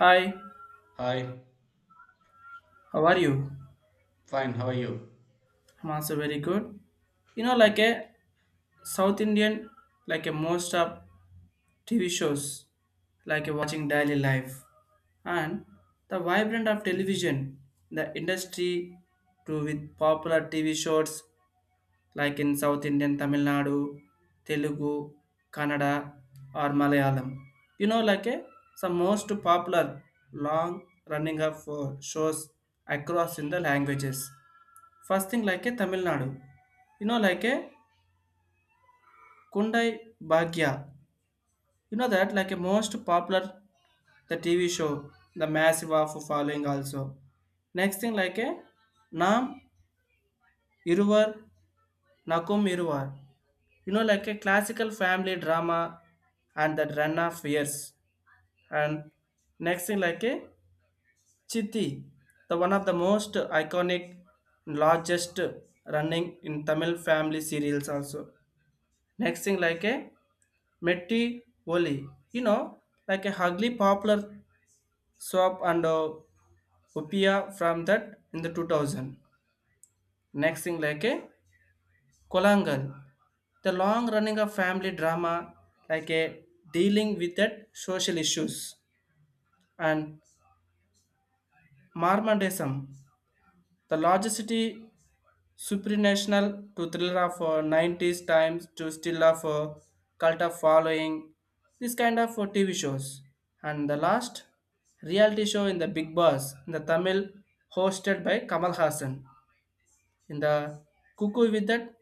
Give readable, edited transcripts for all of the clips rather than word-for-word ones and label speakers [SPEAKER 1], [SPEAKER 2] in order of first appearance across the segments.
[SPEAKER 1] Hi,
[SPEAKER 2] Hi,
[SPEAKER 1] how are you?
[SPEAKER 2] fine, how are you?
[SPEAKER 1] I'm also very good. You know,
[SPEAKER 2] Good.
[SPEAKER 1] like a South Indian, like a most of TV shows, like a watching daily life and the vibrant of television, the industry to with popular TV shows like in South Indian Tamil Nadu, Telugu, Kannada or Malayalam. You know, like a some most popular long running of shows across in the languages. First thing like a Tamil Nadu. You know like a Kundai Bhagya. You know that like a most popular the TV show, the massive of following also. Next thing like a Nam Iruvar Nakum Iruvar. You know like a classical family drama and that run of years. And next thing like a Chitti, the one of the most iconic largest running in Tamil family serials also. Next thing like a Metti Oli, you know, like a hugly popular swap and upia from that in the 2000. Next thing like a Kolangal, the long running of family drama like a dealing with that social issues and Marmandism, the largest city Supranational to thriller of 90s times to still of cult of following, this kind of TV shows. And the last reality show in the Big Boss in the Tamil hosted by Kamal Hassan. In the Cuckoo with that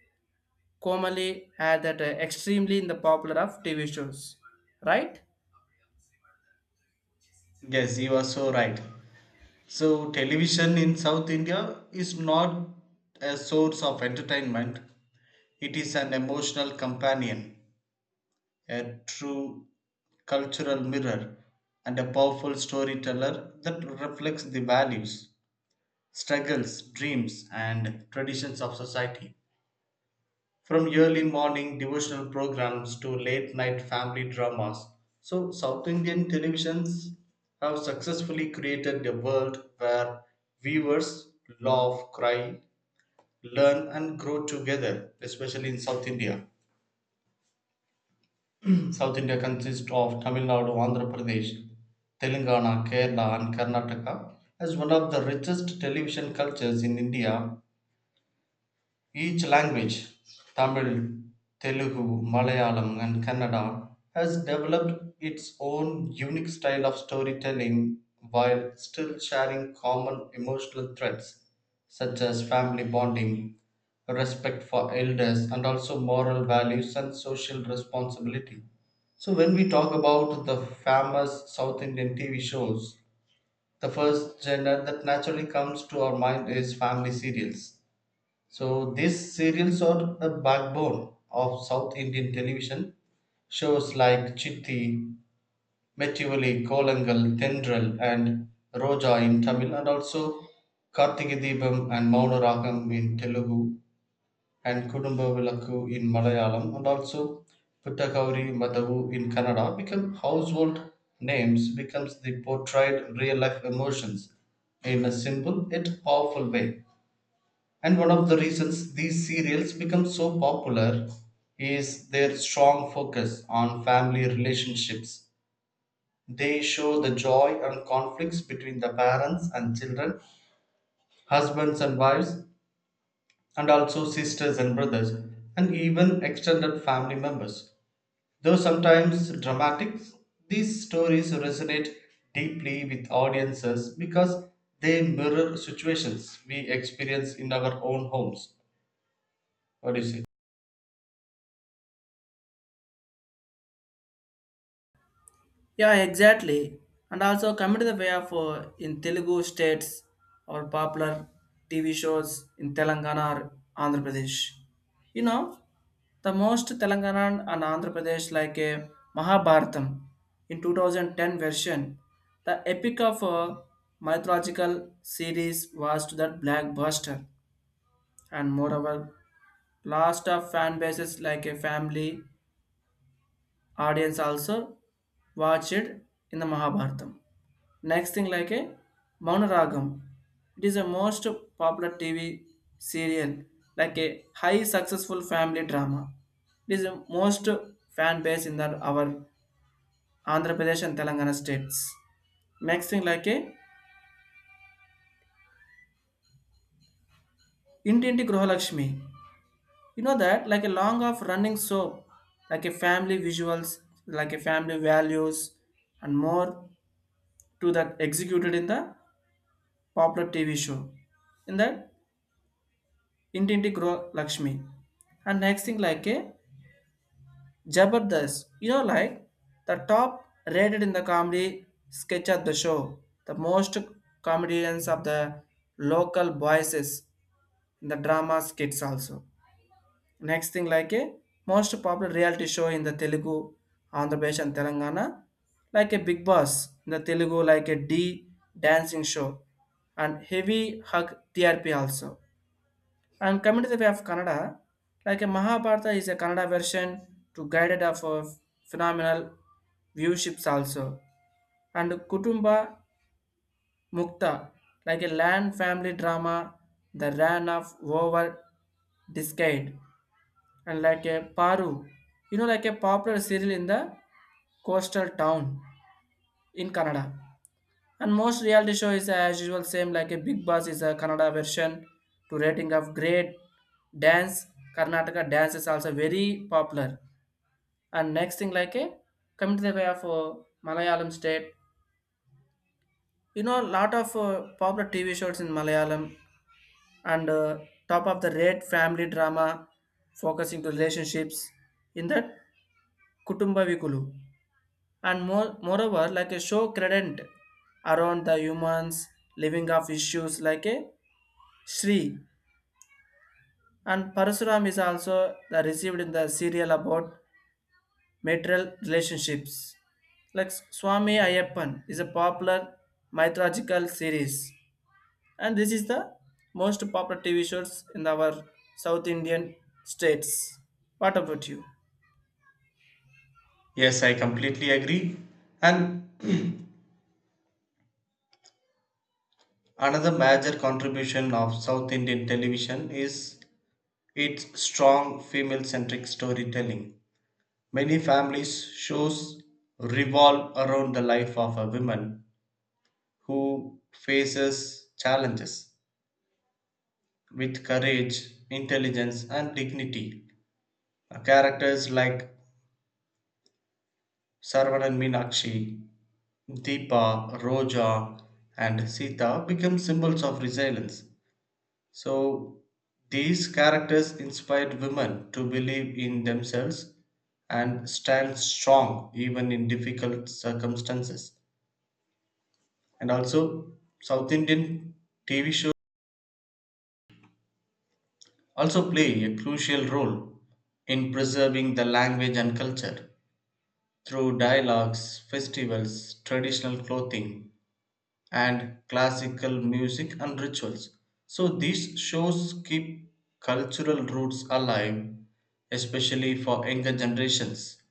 [SPEAKER 1] Komali had that extremely in the popular of TV shows. Right?
[SPEAKER 2] Yes, you are so right. So, television in South India is not a source of entertainment, it is an emotional companion, a true cultural mirror, and a powerful storyteller that reflects the values, struggles, dreams, and traditions of society. From early morning devotional programs to late night family dramas. So, South Indian televisions have successfully created a world where viewers laugh, cry, learn, and grow together, especially in South India. South India consists of Tamil Nadu, Andhra Pradesh, Telangana, Kerala, and Karnataka. As one of the richest television cultures in India, each language Tamil, Telugu, Malayalam, and Kannada has developed its own unique style of storytelling while still sharing common emotional threads such as family bonding, respect for elders, and also moral values and social responsibility. So, when we talk about the famous South Indian TV shows, the first genre that naturally comes to our mind is family serials, so these serials are the backbone of South Indian television. Shows like Chitti, Metivali, Kolangal, Tendral, and Roja in Tamil, and also Karthike Deepam and Maunaragam in Telugu, and Kudumba Vilakku in Malayalam, and also Puttakauri Madavu in Kannada become household names becomes the portrayed real life emotions in a simple yet powerful way. And one of the reasons these serials become so popular is their strong focus on family relationships. They show the joy and conflicts between the parents and children, husbands and wives, and also sisters and brothers, and even extended family members. Though sometimes dramatic, these stories resonate deeply with audiences because they mirror situations we experience in our own homes. What do you say?
[SPEAKER 1] Yeah, exactly. And also come to the way of in Telugu states or popular TV shows in Telangana or Andhra Pradesh. You know, the most Telangana and Andhra Pradesh like a Mahabharatam in 2010 version, the epic of a mythological series was to that blackbuster and moreover Last of fan bases like a family audience also watched it in the Mahabharatam. Next thing like a Maunaragam. It is a most popular TV serial, like a high successful family drama. It is a most fan base in that our Andhra Pradesh and Telangana states. Next thing like a Intinti Gruhalakshmi. You know that like a long of running soap, like a family visuals, like a family values, and more to that executed in the popular TV show. In that ఇంటింటి గృహ Lakshmi, and next thing like a jabardast, you know, like the top rated in the comedy sketch of the show, the most comedians of the local voices in the drama skits also. Next thing like a most popular reality show in the Telugu Andhra Pradesh and Telangana, like a Big Boss in the Telugu, like a d dancing show and heavy hug TRP also. And coming to the way of Kannada, like a Mahabharata is a Kannada version to guided of a phenomenal viewships also. And Kutumba Mukta, like a land family drama, the ran of over decade. And like a Paru, you know, like a popular serial in the coastal town in Canada. And most reality show is as usual same like a Big Boss is a Kannada version to rating of great dance. Karnataka dance is also very popular. And next thing like a coming to the way of Malayalam state. You know lot of popular TV shows in Malayalam and top of the rate family drama focusing to relationships in that Kutumba Vikulu. And moreover like a show credent around the humans living of issues like a Sri and Parasuram is also the received in the serial about material relationships. Like Swami Ayappan is a popular mythological series and this is the most popular TV shows in our South Indian states. What about you?
[SPEAKER 2] Yes, I completely agree. And another major contribution of South Indian television is its strong female-centric storytelling. Many families shows revolve around the life of a woman who faces challenges with courage, intelligence, and dignity. Characters like Saravanan Meenakshi, Deepa, Roja, and Sita become symbols of resilience. So these characters inspired women to believe in themselves and stand strong even in difficult circumstances. And also, South Indian TV shows also play a crucial role in preserving the language and culture through dialogues, festivals, traditional clothing, and classical music and rituals. So these shows keep cultural roots alive, especially for younger generations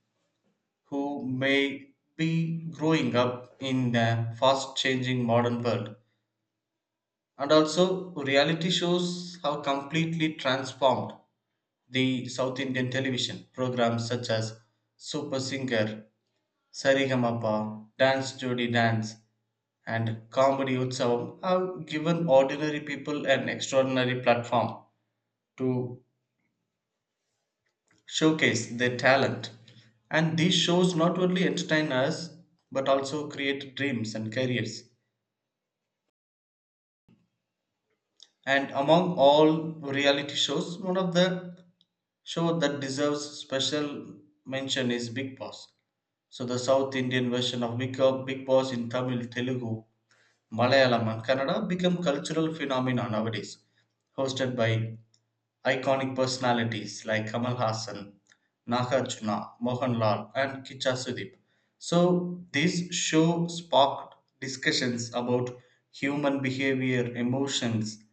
[SPEAKER 2] who may be growing up in the fast changing modern world. And also, reality shows have completely transformed the South Indian television programs such as Super Singer, Sarigamapa, Dance Jodi Dance, and Comedy Utsavam have given ordinary people an extraordinary platform to showcase their talent. And these shows not only entertain us but also create dreams and careers. And among all reality shows, one of the show that deserves special mention is Big Boss. So the South Indian version of Big Big Boss in Tamil, Telugu, Malayalam and Kannada become cultural phenomena nowadays, hosted by iconic personalities like Kamal Hassan, Nagarjuna, Mohanlal, and Kicha Sudip. So, this show sparked discussions about human behavior, emotions,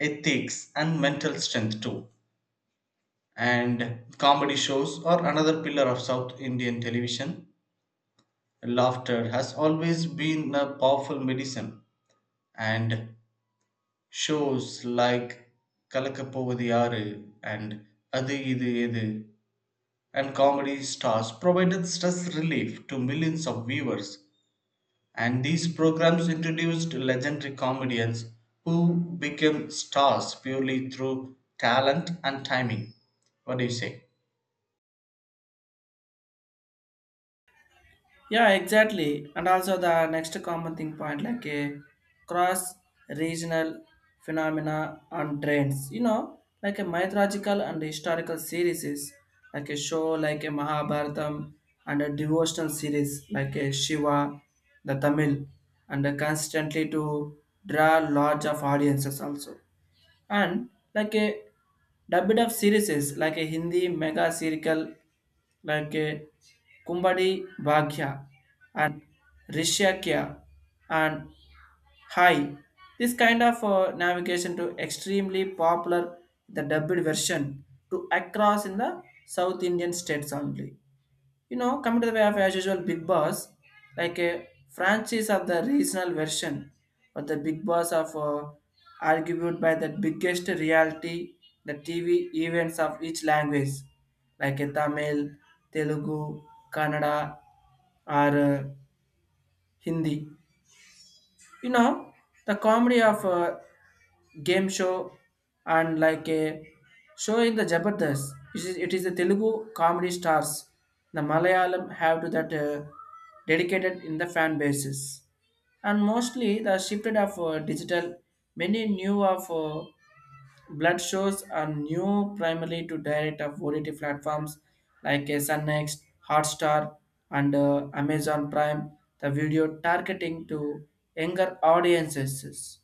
[SPEAKER 2] ethics, and mental strength too. And comedy shows are another pillar of South Indian television. Laughter has always been a powerful medicine, and shows like Kalakapovadiyaru and Adu Idu Edu and comedy stars provided stress relief to millions of viewers, and these programs introduced legendary comedians who became stars purely through talent and timing. What do you say?
[SPEAKER 1] Yeah, exactly. And also the next common thing point like a cross regional phenomena and trends. You know, like a mythological and historical series is like a show like a Mahabharatam and a devotional series like a Shiva, the Tamil, and constantly to draw large of audiences also. And like a Dubbed of series is like a Hindi mega serial like a Kumbadi Bhagya and Rishakya and Hai. This kind of navigation to extremely popular the dubbed version to across in the South Indian states only. You know, coming to the way of as usual Big Boss, like a franchise of the regional version, but the Big Boss of argued by the biggest reality, the TV events of each language, like a Tamil, Telugu, Kannada, or Hindi. You know, the comedy of game show and like a show in the Jabardast. It is the Telugu comedy stars. The Malayalam have to that dedicated in the fan bases. And mostly the shifted of digital, many new of blood shows are new primarily to direct of OTT platforms like Sunnext, Hotstar, and Amazon Prime. The video targeting to younger audiences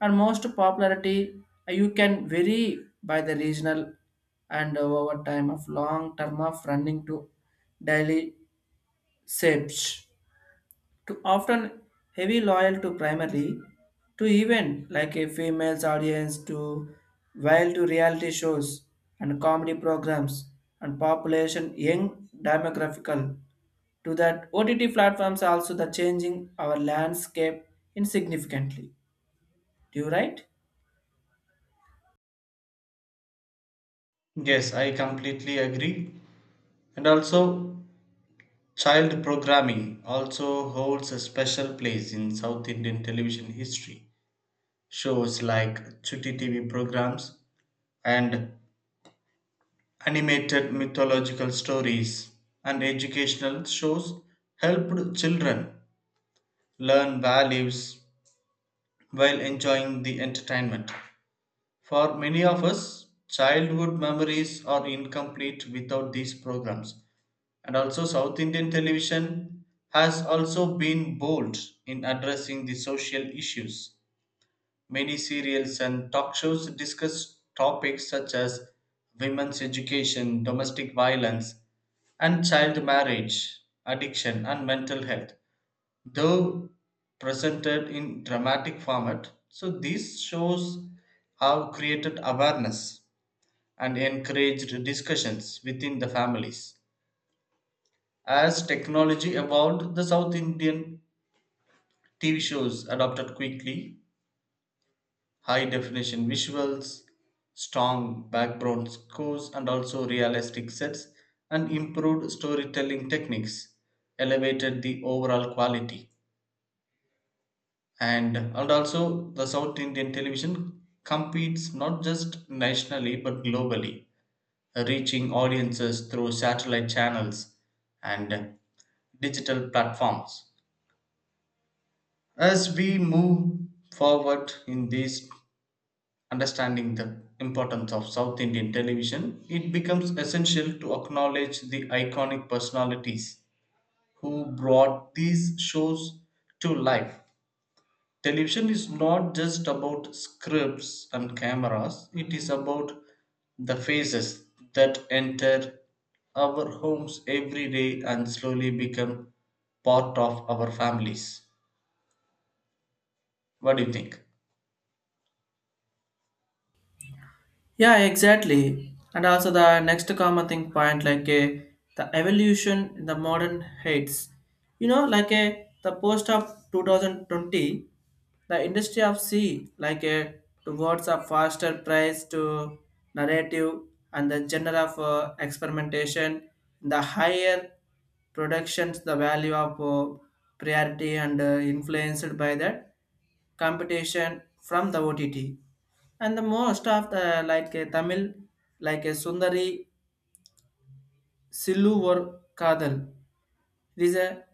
[SPEAKER 1] and most popularity you can vary by the regional and over time of long term of running to daily shapes to often heavy loyal to primarily to event like a female's audience to while to reality shows and comedy programs and population young demographical to that OTT platforms also the changing our landscape insignificantly, do you right?
[SPEAKER 2] Yes, I completely agree. And also, child programming also holds a special place in South Indian television history. Shows like Chutti TV programs and animated mythological stories and educational shows helped children learn values while enjoying the entertainment. For many of us, childhood memories are incomplete without these programs. And also, South Indian television has also been bold in addressing the social issues. Many serials and talk shows discuss topics such as women's education, domestic violence, and child marriage, addiction, and mental health, though presented in dramatic format. So, these shows have created awareness and encouraged discussions within the families. As technology evolved, the South Indian TV shows adopted quickly high definition visuals, strong background scores, and also realistic sets, and improved storytelling techniques elevated the overall quality. And also, the South Indian television competes not just nationally but globally, reaching audiences through satellite channels and digital platforms. As we move forward in these understanding the importance of South Indian television, it becomes essential to acknowledge the iconic personalities who brought these shows to life. Television is not just about scripts and cameras, it is about the faces that enter our homes every day and slowly become part of our families. What do you think?
[SPEAKER 1] Yeah, exactly. And also the next common thing point like a the evolution in the modern heights. You know, like a the post of 2020, the industry of sea like a towards a faster price to narrative and the genre of experimentation, the higher productions, the value of priority and influenced by that competition from the OTT and the most of the like a Tamil like a Sundari Sillu or Kadal, it is a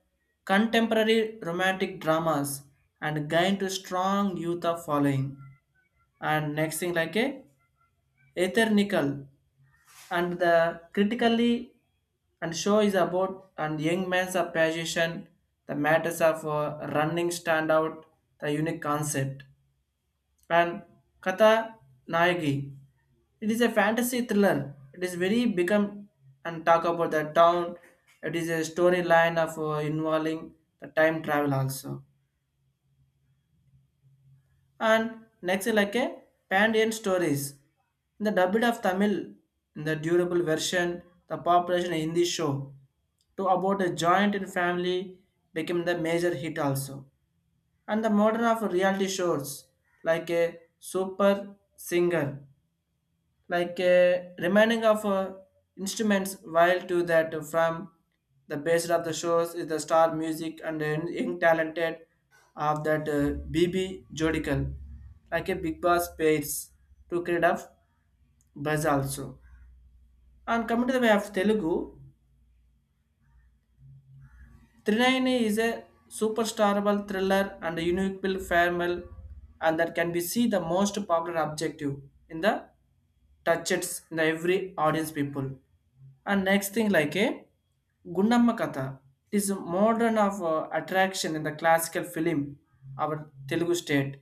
[SPEAKER 1] contemporary romantic dramas and gained to strong youth of following. And next thing like a ethernical and the critically and show is about and young man's of passion the matters of running stand out the unique concept and Katha Nayagi. It is a fantasy thriller. It is very become and talk about the town. It is a storyline of involving the time travel also. And next is like a Pandian stories. In the dubbed of Tamil, in the durable version, the population in Hindi show to about a joint in family became the major hit also. And the modern of reality shows like a super singer like remaining of instruments while to that from the base of the shows is the star music and then young talented of that bb jodical like a big boss pairs to create of buzz also. And coming to the way of Telugu, Trinayani is a superstarable thriller and a unique Bill farewell, and that can be see the most popular objective in the touches in the every audience people. And next thing like a Gundamma Katha. It is a modern of attraction in the classical film, our Telugu state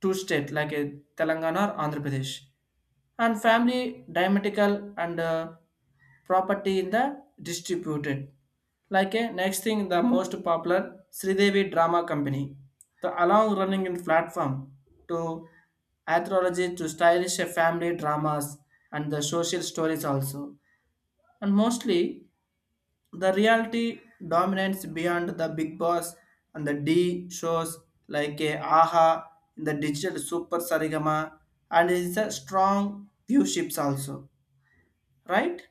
[SPEAKER 1] two state like a Telangana or Andhra Pradesh, and family dramatical and property in the distributed. Like a next thing, the most popular Sridevi Drama Company, the long running in platform to anthology to stylish family dramas and the social stories also, and mostly the reality dominates beyond the big boss and the D shows like a AHA in the digital super sarigama and it's a strong viewerships also, right?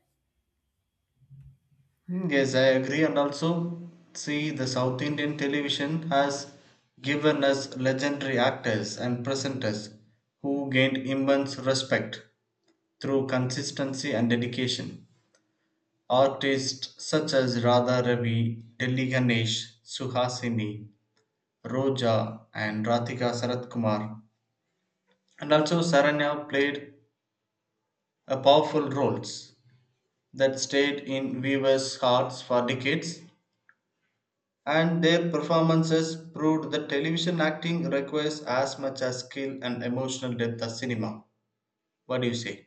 [SPEAKER 2] Mm, yes, I agree, and also see the South Indian television has given us legendary actors and presenters who gained immense respect through consistency and dedication. Artists such as Radha Ravi, Delhi Ganesh, Suhasini, Roja, and Ratika Sarat Kumar, and also Saranya played a powerful roles that stayed in viewers' hearts for decades and their performances proved that television acting requires as much as skill and emotional depth as cinema. What do you say?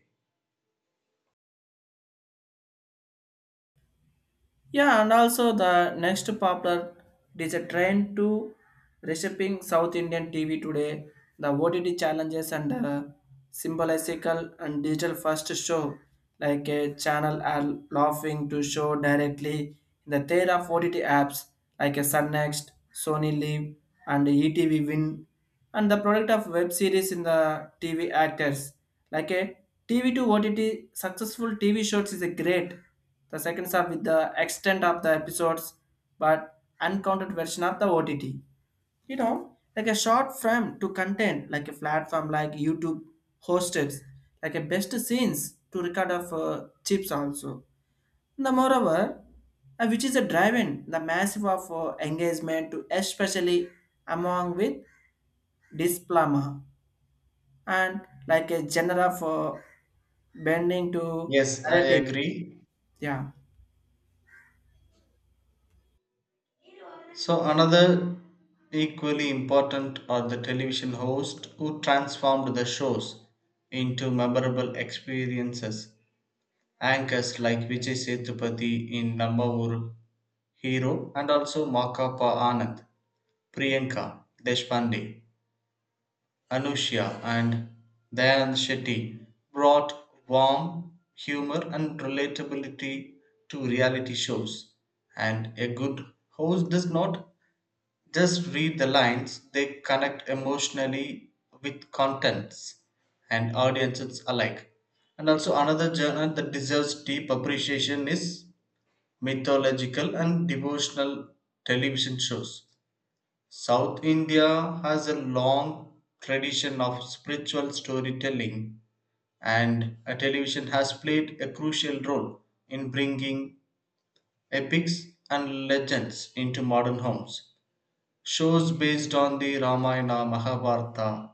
[SPEAKER 1] Yeah, and also the next popular it is a trend to reshaping South Indian TV today. The OTT challenges and symbolical and digital first show like a channel are laughing to show directly in the tier of OTT apps like a Sun Next, Sony Live, and ETV Win, and the product of web series in the TV actors like a TV to OTT successful TV shows is a great. The seconds are with the extent of the episodes, but uncounted version of the OTT. You know, like a short film to content, like a platform like YouTube hosted, like a best scenes to record of chips also. The moreover, which is a drive-in, the massive of engagement to especially among with displama and like a genre of bending to
[SPEAKER 2] Yes, I
[SPEAKER 1] narratives.
[SPEAKER 2] agree.
[SPEAKER 1] Yeah.
[SPEAKER 2] So, another equally important are the television hosts who transformed the shows into memorable experiences. Anchors like Vijay Sethupathi in Namma Oru Hero and also Makapa Anand, Priyanka Deshpande, Anushya and Dayan Shetty brought warmth, humor, and relatability to reality shows. And a good host does not just read the lines, they connect emotionally with contents and audiences alike. And also, another genre that deserves deep appreciation is mythological and devotional television shows. South India has a long tradition of spiritual storytelling, and a television has played a crucial role in bringing epics and legends into modern homes. Shows based on the Ramayana, Mahabharata,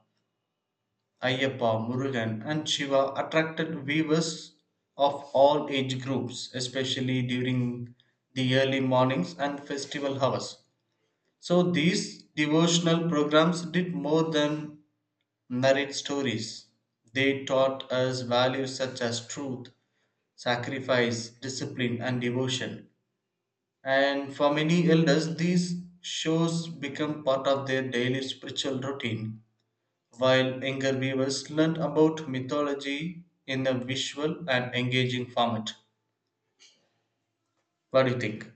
[SPEAKER 2] Ayyappa, Murugan, and Shiva attracted viewers of all age groups, especially during the early mornings and festival hours. So these devotional programs did more than narrate stories. They taught us values such as truth, sacrifice, discipline, and devotion. And for many elders, these shows become part of their daily spiritual routine, while younger viewers learn about mythology in a visual and engaging format. What do you think?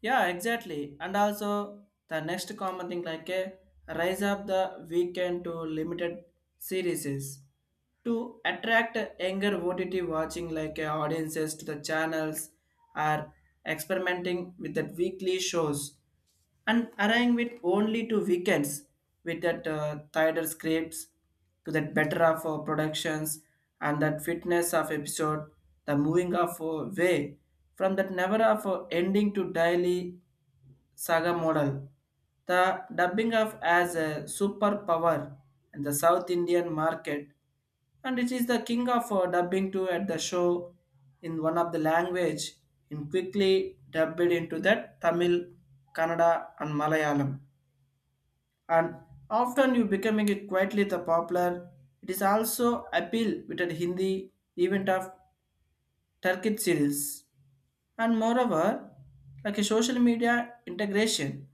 [SPEAKER 1] Yeah, exactly. And also the next common thing like a rise of the weekend to limited series to attract younger OTT watching like audiences to the channels are experimenting with the weekly shows and arranging with only two weekends with that tighter scripts to that better of productions and that fitness of episode the moving of way from that never of ending to daily saga model. The dubbing of as a superpower in the South Indian market, and it is the king of dubbing too at the show in one of the language, and quickly dubbed into that Tamil, Kannada, and Malayalam. And often you becoming it quietly the popular. It is also appeal with the Hindi event of Turkic series. And moreover, like a social media integration,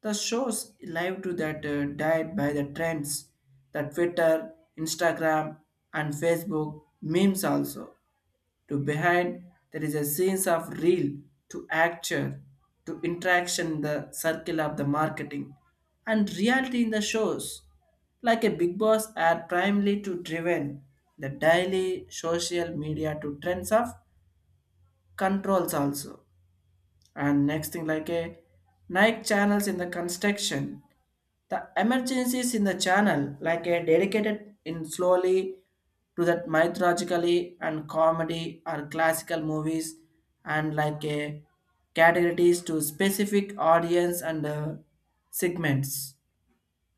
[SPEAKER 1] the shows live to that died by the trends that Twitter, Instagram, and Facebook memes also. To behind there is a sense of real to actor to interaction in the circle of the marketing and reality in the shows. Like a big boss are primarily to driven the daily social media to trends of controls also, and next thing like a night channels in the construction. The emergencies in the channel like a dedicated in slowly to that mythologically and comedy or classical movies, and like a categories to specific audience and segments,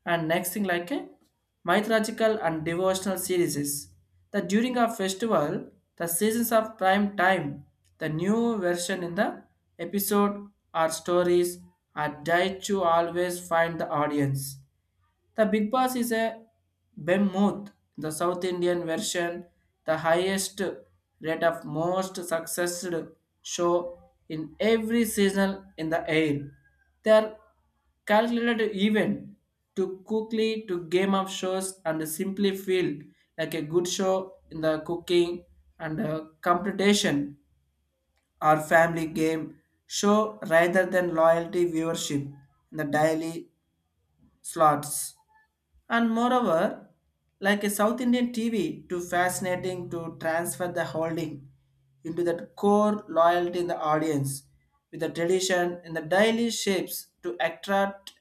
[SPEAKER 1] and next thing like a mythological and devotional series. The during a festival, the seasons of prime time, the new version in the episode or stories are died to always find the audience. The Big Boss is a behemoth, the South Indian version, the highest rate of most successful show in every season in the air. They are calculated even to quickly to game of shows and simply feel like a good show in the cooking and competition or family game show rather than loyalty viewership in the daily slots. And moreover, like a South Indian TV, too fascinating to transfer the holding into that core loyalty in the audience with the tradition in the daily shapes to attract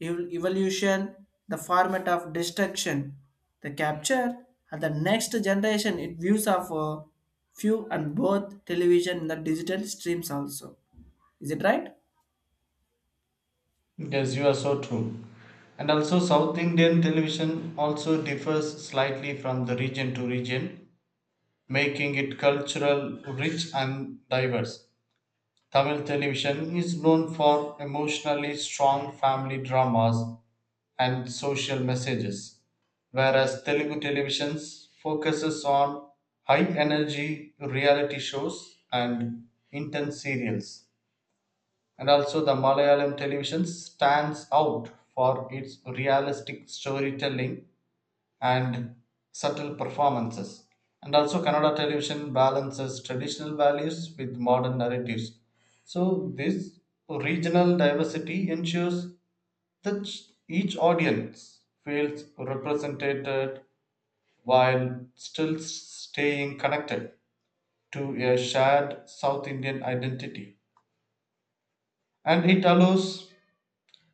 [SPEAKER 1] evolution, the format of destruction, the capture, and the next generation it views of few and both television and the digital streams also. Is it right?
[SPEAKER 2] Yes, you are so true. And also, South Indian television also differs slightly from the region to region, making it cultural rich and diverse. Tamil television is known for emotionally strong family dramas and social messages, whereas Telugu television focuses on high energy reality shows and intense serials. And also the Malayalam television stands out for its realistic storytelling and subtle performances. And also, Kannada television balances traditional values with modern narratives. So, this regional diversity ensures that each audience feels represented while still staying connected to a shared South Indian identity. And it allows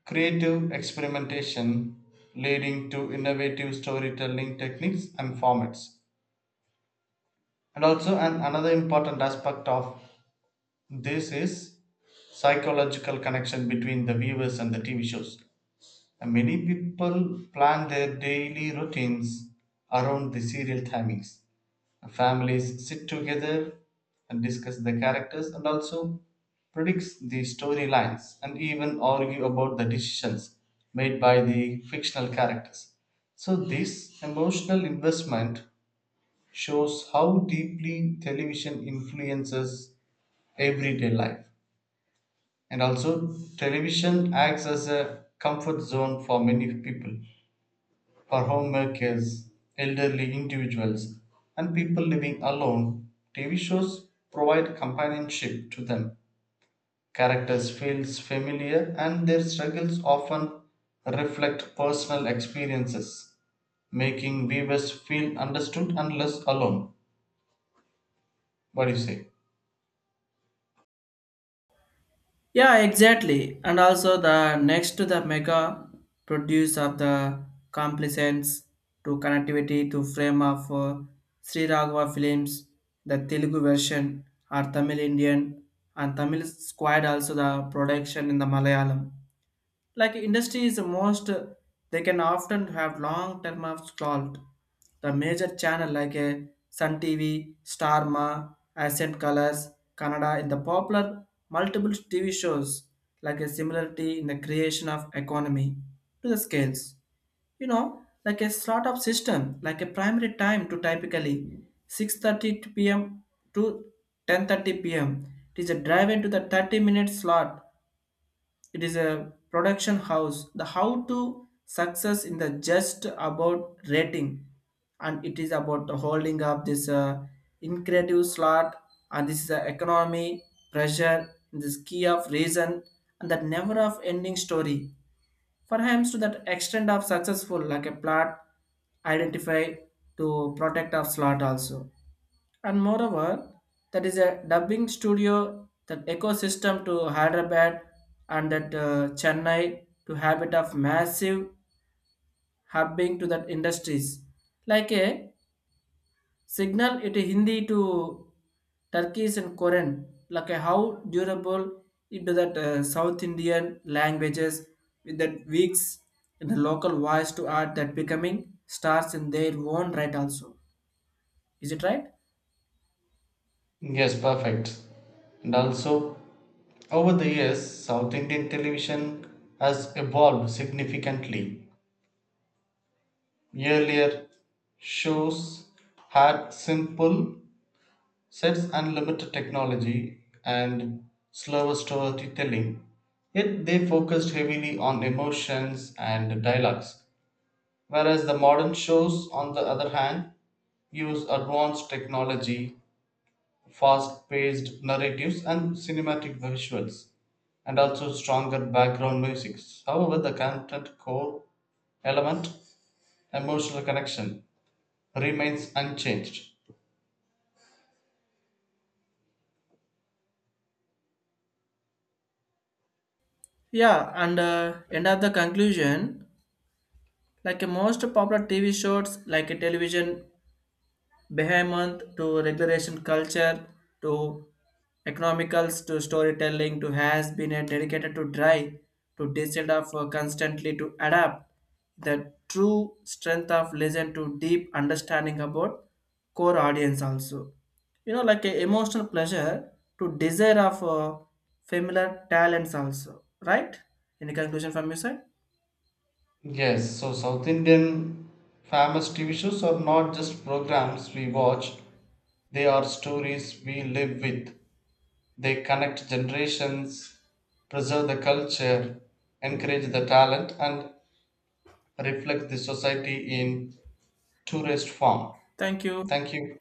[SPEAKER 2] creative experimentation, leading to innovative storytelling techniques and formats. And also another important aspect of this is psychological connection between the viewers and the TV shows, and many people plan their daily routines around the serial timings. Families sit together and discuss the characters and also predicts the storylines and even argue about the decisions made by the fictional characters. So this emotional investment shows how deeply television influences everyday life. And also, television acts as a comfort zone for many people, for homemakers, elderly individuals, and people living alone. TV shows provide companionship to them. Characters feels familiar and their struggles often reflect personal experiences, making viewers feel understood and less alone. What do you say?
[SPEAKER 1] Yeah, exactly. And also the next to the mega produce of the complacence to connectivity to frame of Sri Raghava films, the Telugu version or Tamil Indian and Tamil squad also the production in the Malayalam. Like industry is the most, they can often have long term of scrolled. The major channel like a Sun TV, Starma, Ascent Colors, Canada in the popular multiple TV shows, like a similarity in the creation of economy to the scales. You know, like a slot of system, like a primary time to typically 6:30 p.m. to 10:30 p.m. It is a drive into the 30-minute slot, it is a production house. The how to success in the just about rating, and it is about the holding up this incredible slot, and this is the economy pressure, this key of reason, and that never of ending story. Perhaps to that extent of successful, like a plot identify to protect of slot also. And moreover, that is a dubbing studio, that ecosystem to Hyderabad and that Chennai to habit of massive hubbing to that industries. Like a signal it Hindi to Turkish and Korean, like a how durable into that South Indian languages with that weeks in the local voice to art that becoming stars in their own right also. Is it right?
[SPEAKER 2] Yes, perfect. And also, over the years, South Indian television has evolved significantly. Earlier, shows had simple sets and limited technology and slower storytelling, yet they focused heavily on emotions and dialogues. Whereas the modern shows, on the other hand, use advanced technology, fast paced narratives and cinematic visuals, and also stronger background music. However, the content core element, emotional connection, remains unchanged.
[SPEAKER 1] Yeah, and end of the conclusion, like a most popular TV shows, like a television, behemoth to regulation culture to economicals to storytelling to has been a dedicated to dry to decide of constantly to adapt the true strength of listen to deep understanding about core audience also, you know, like a emotional pleasure to desire of familiar talents also, right? Any conclusion from your side?
[SPEAKER 2] Yes, so South Indian famous TV shows are not just programs we watch, they are stories we live with. They connect generations, preserve the culture, encourage the talent, and reflect the society in tourist form.
[SPEAKER 1] Thank you.
[SPEAKER 2] Thank you.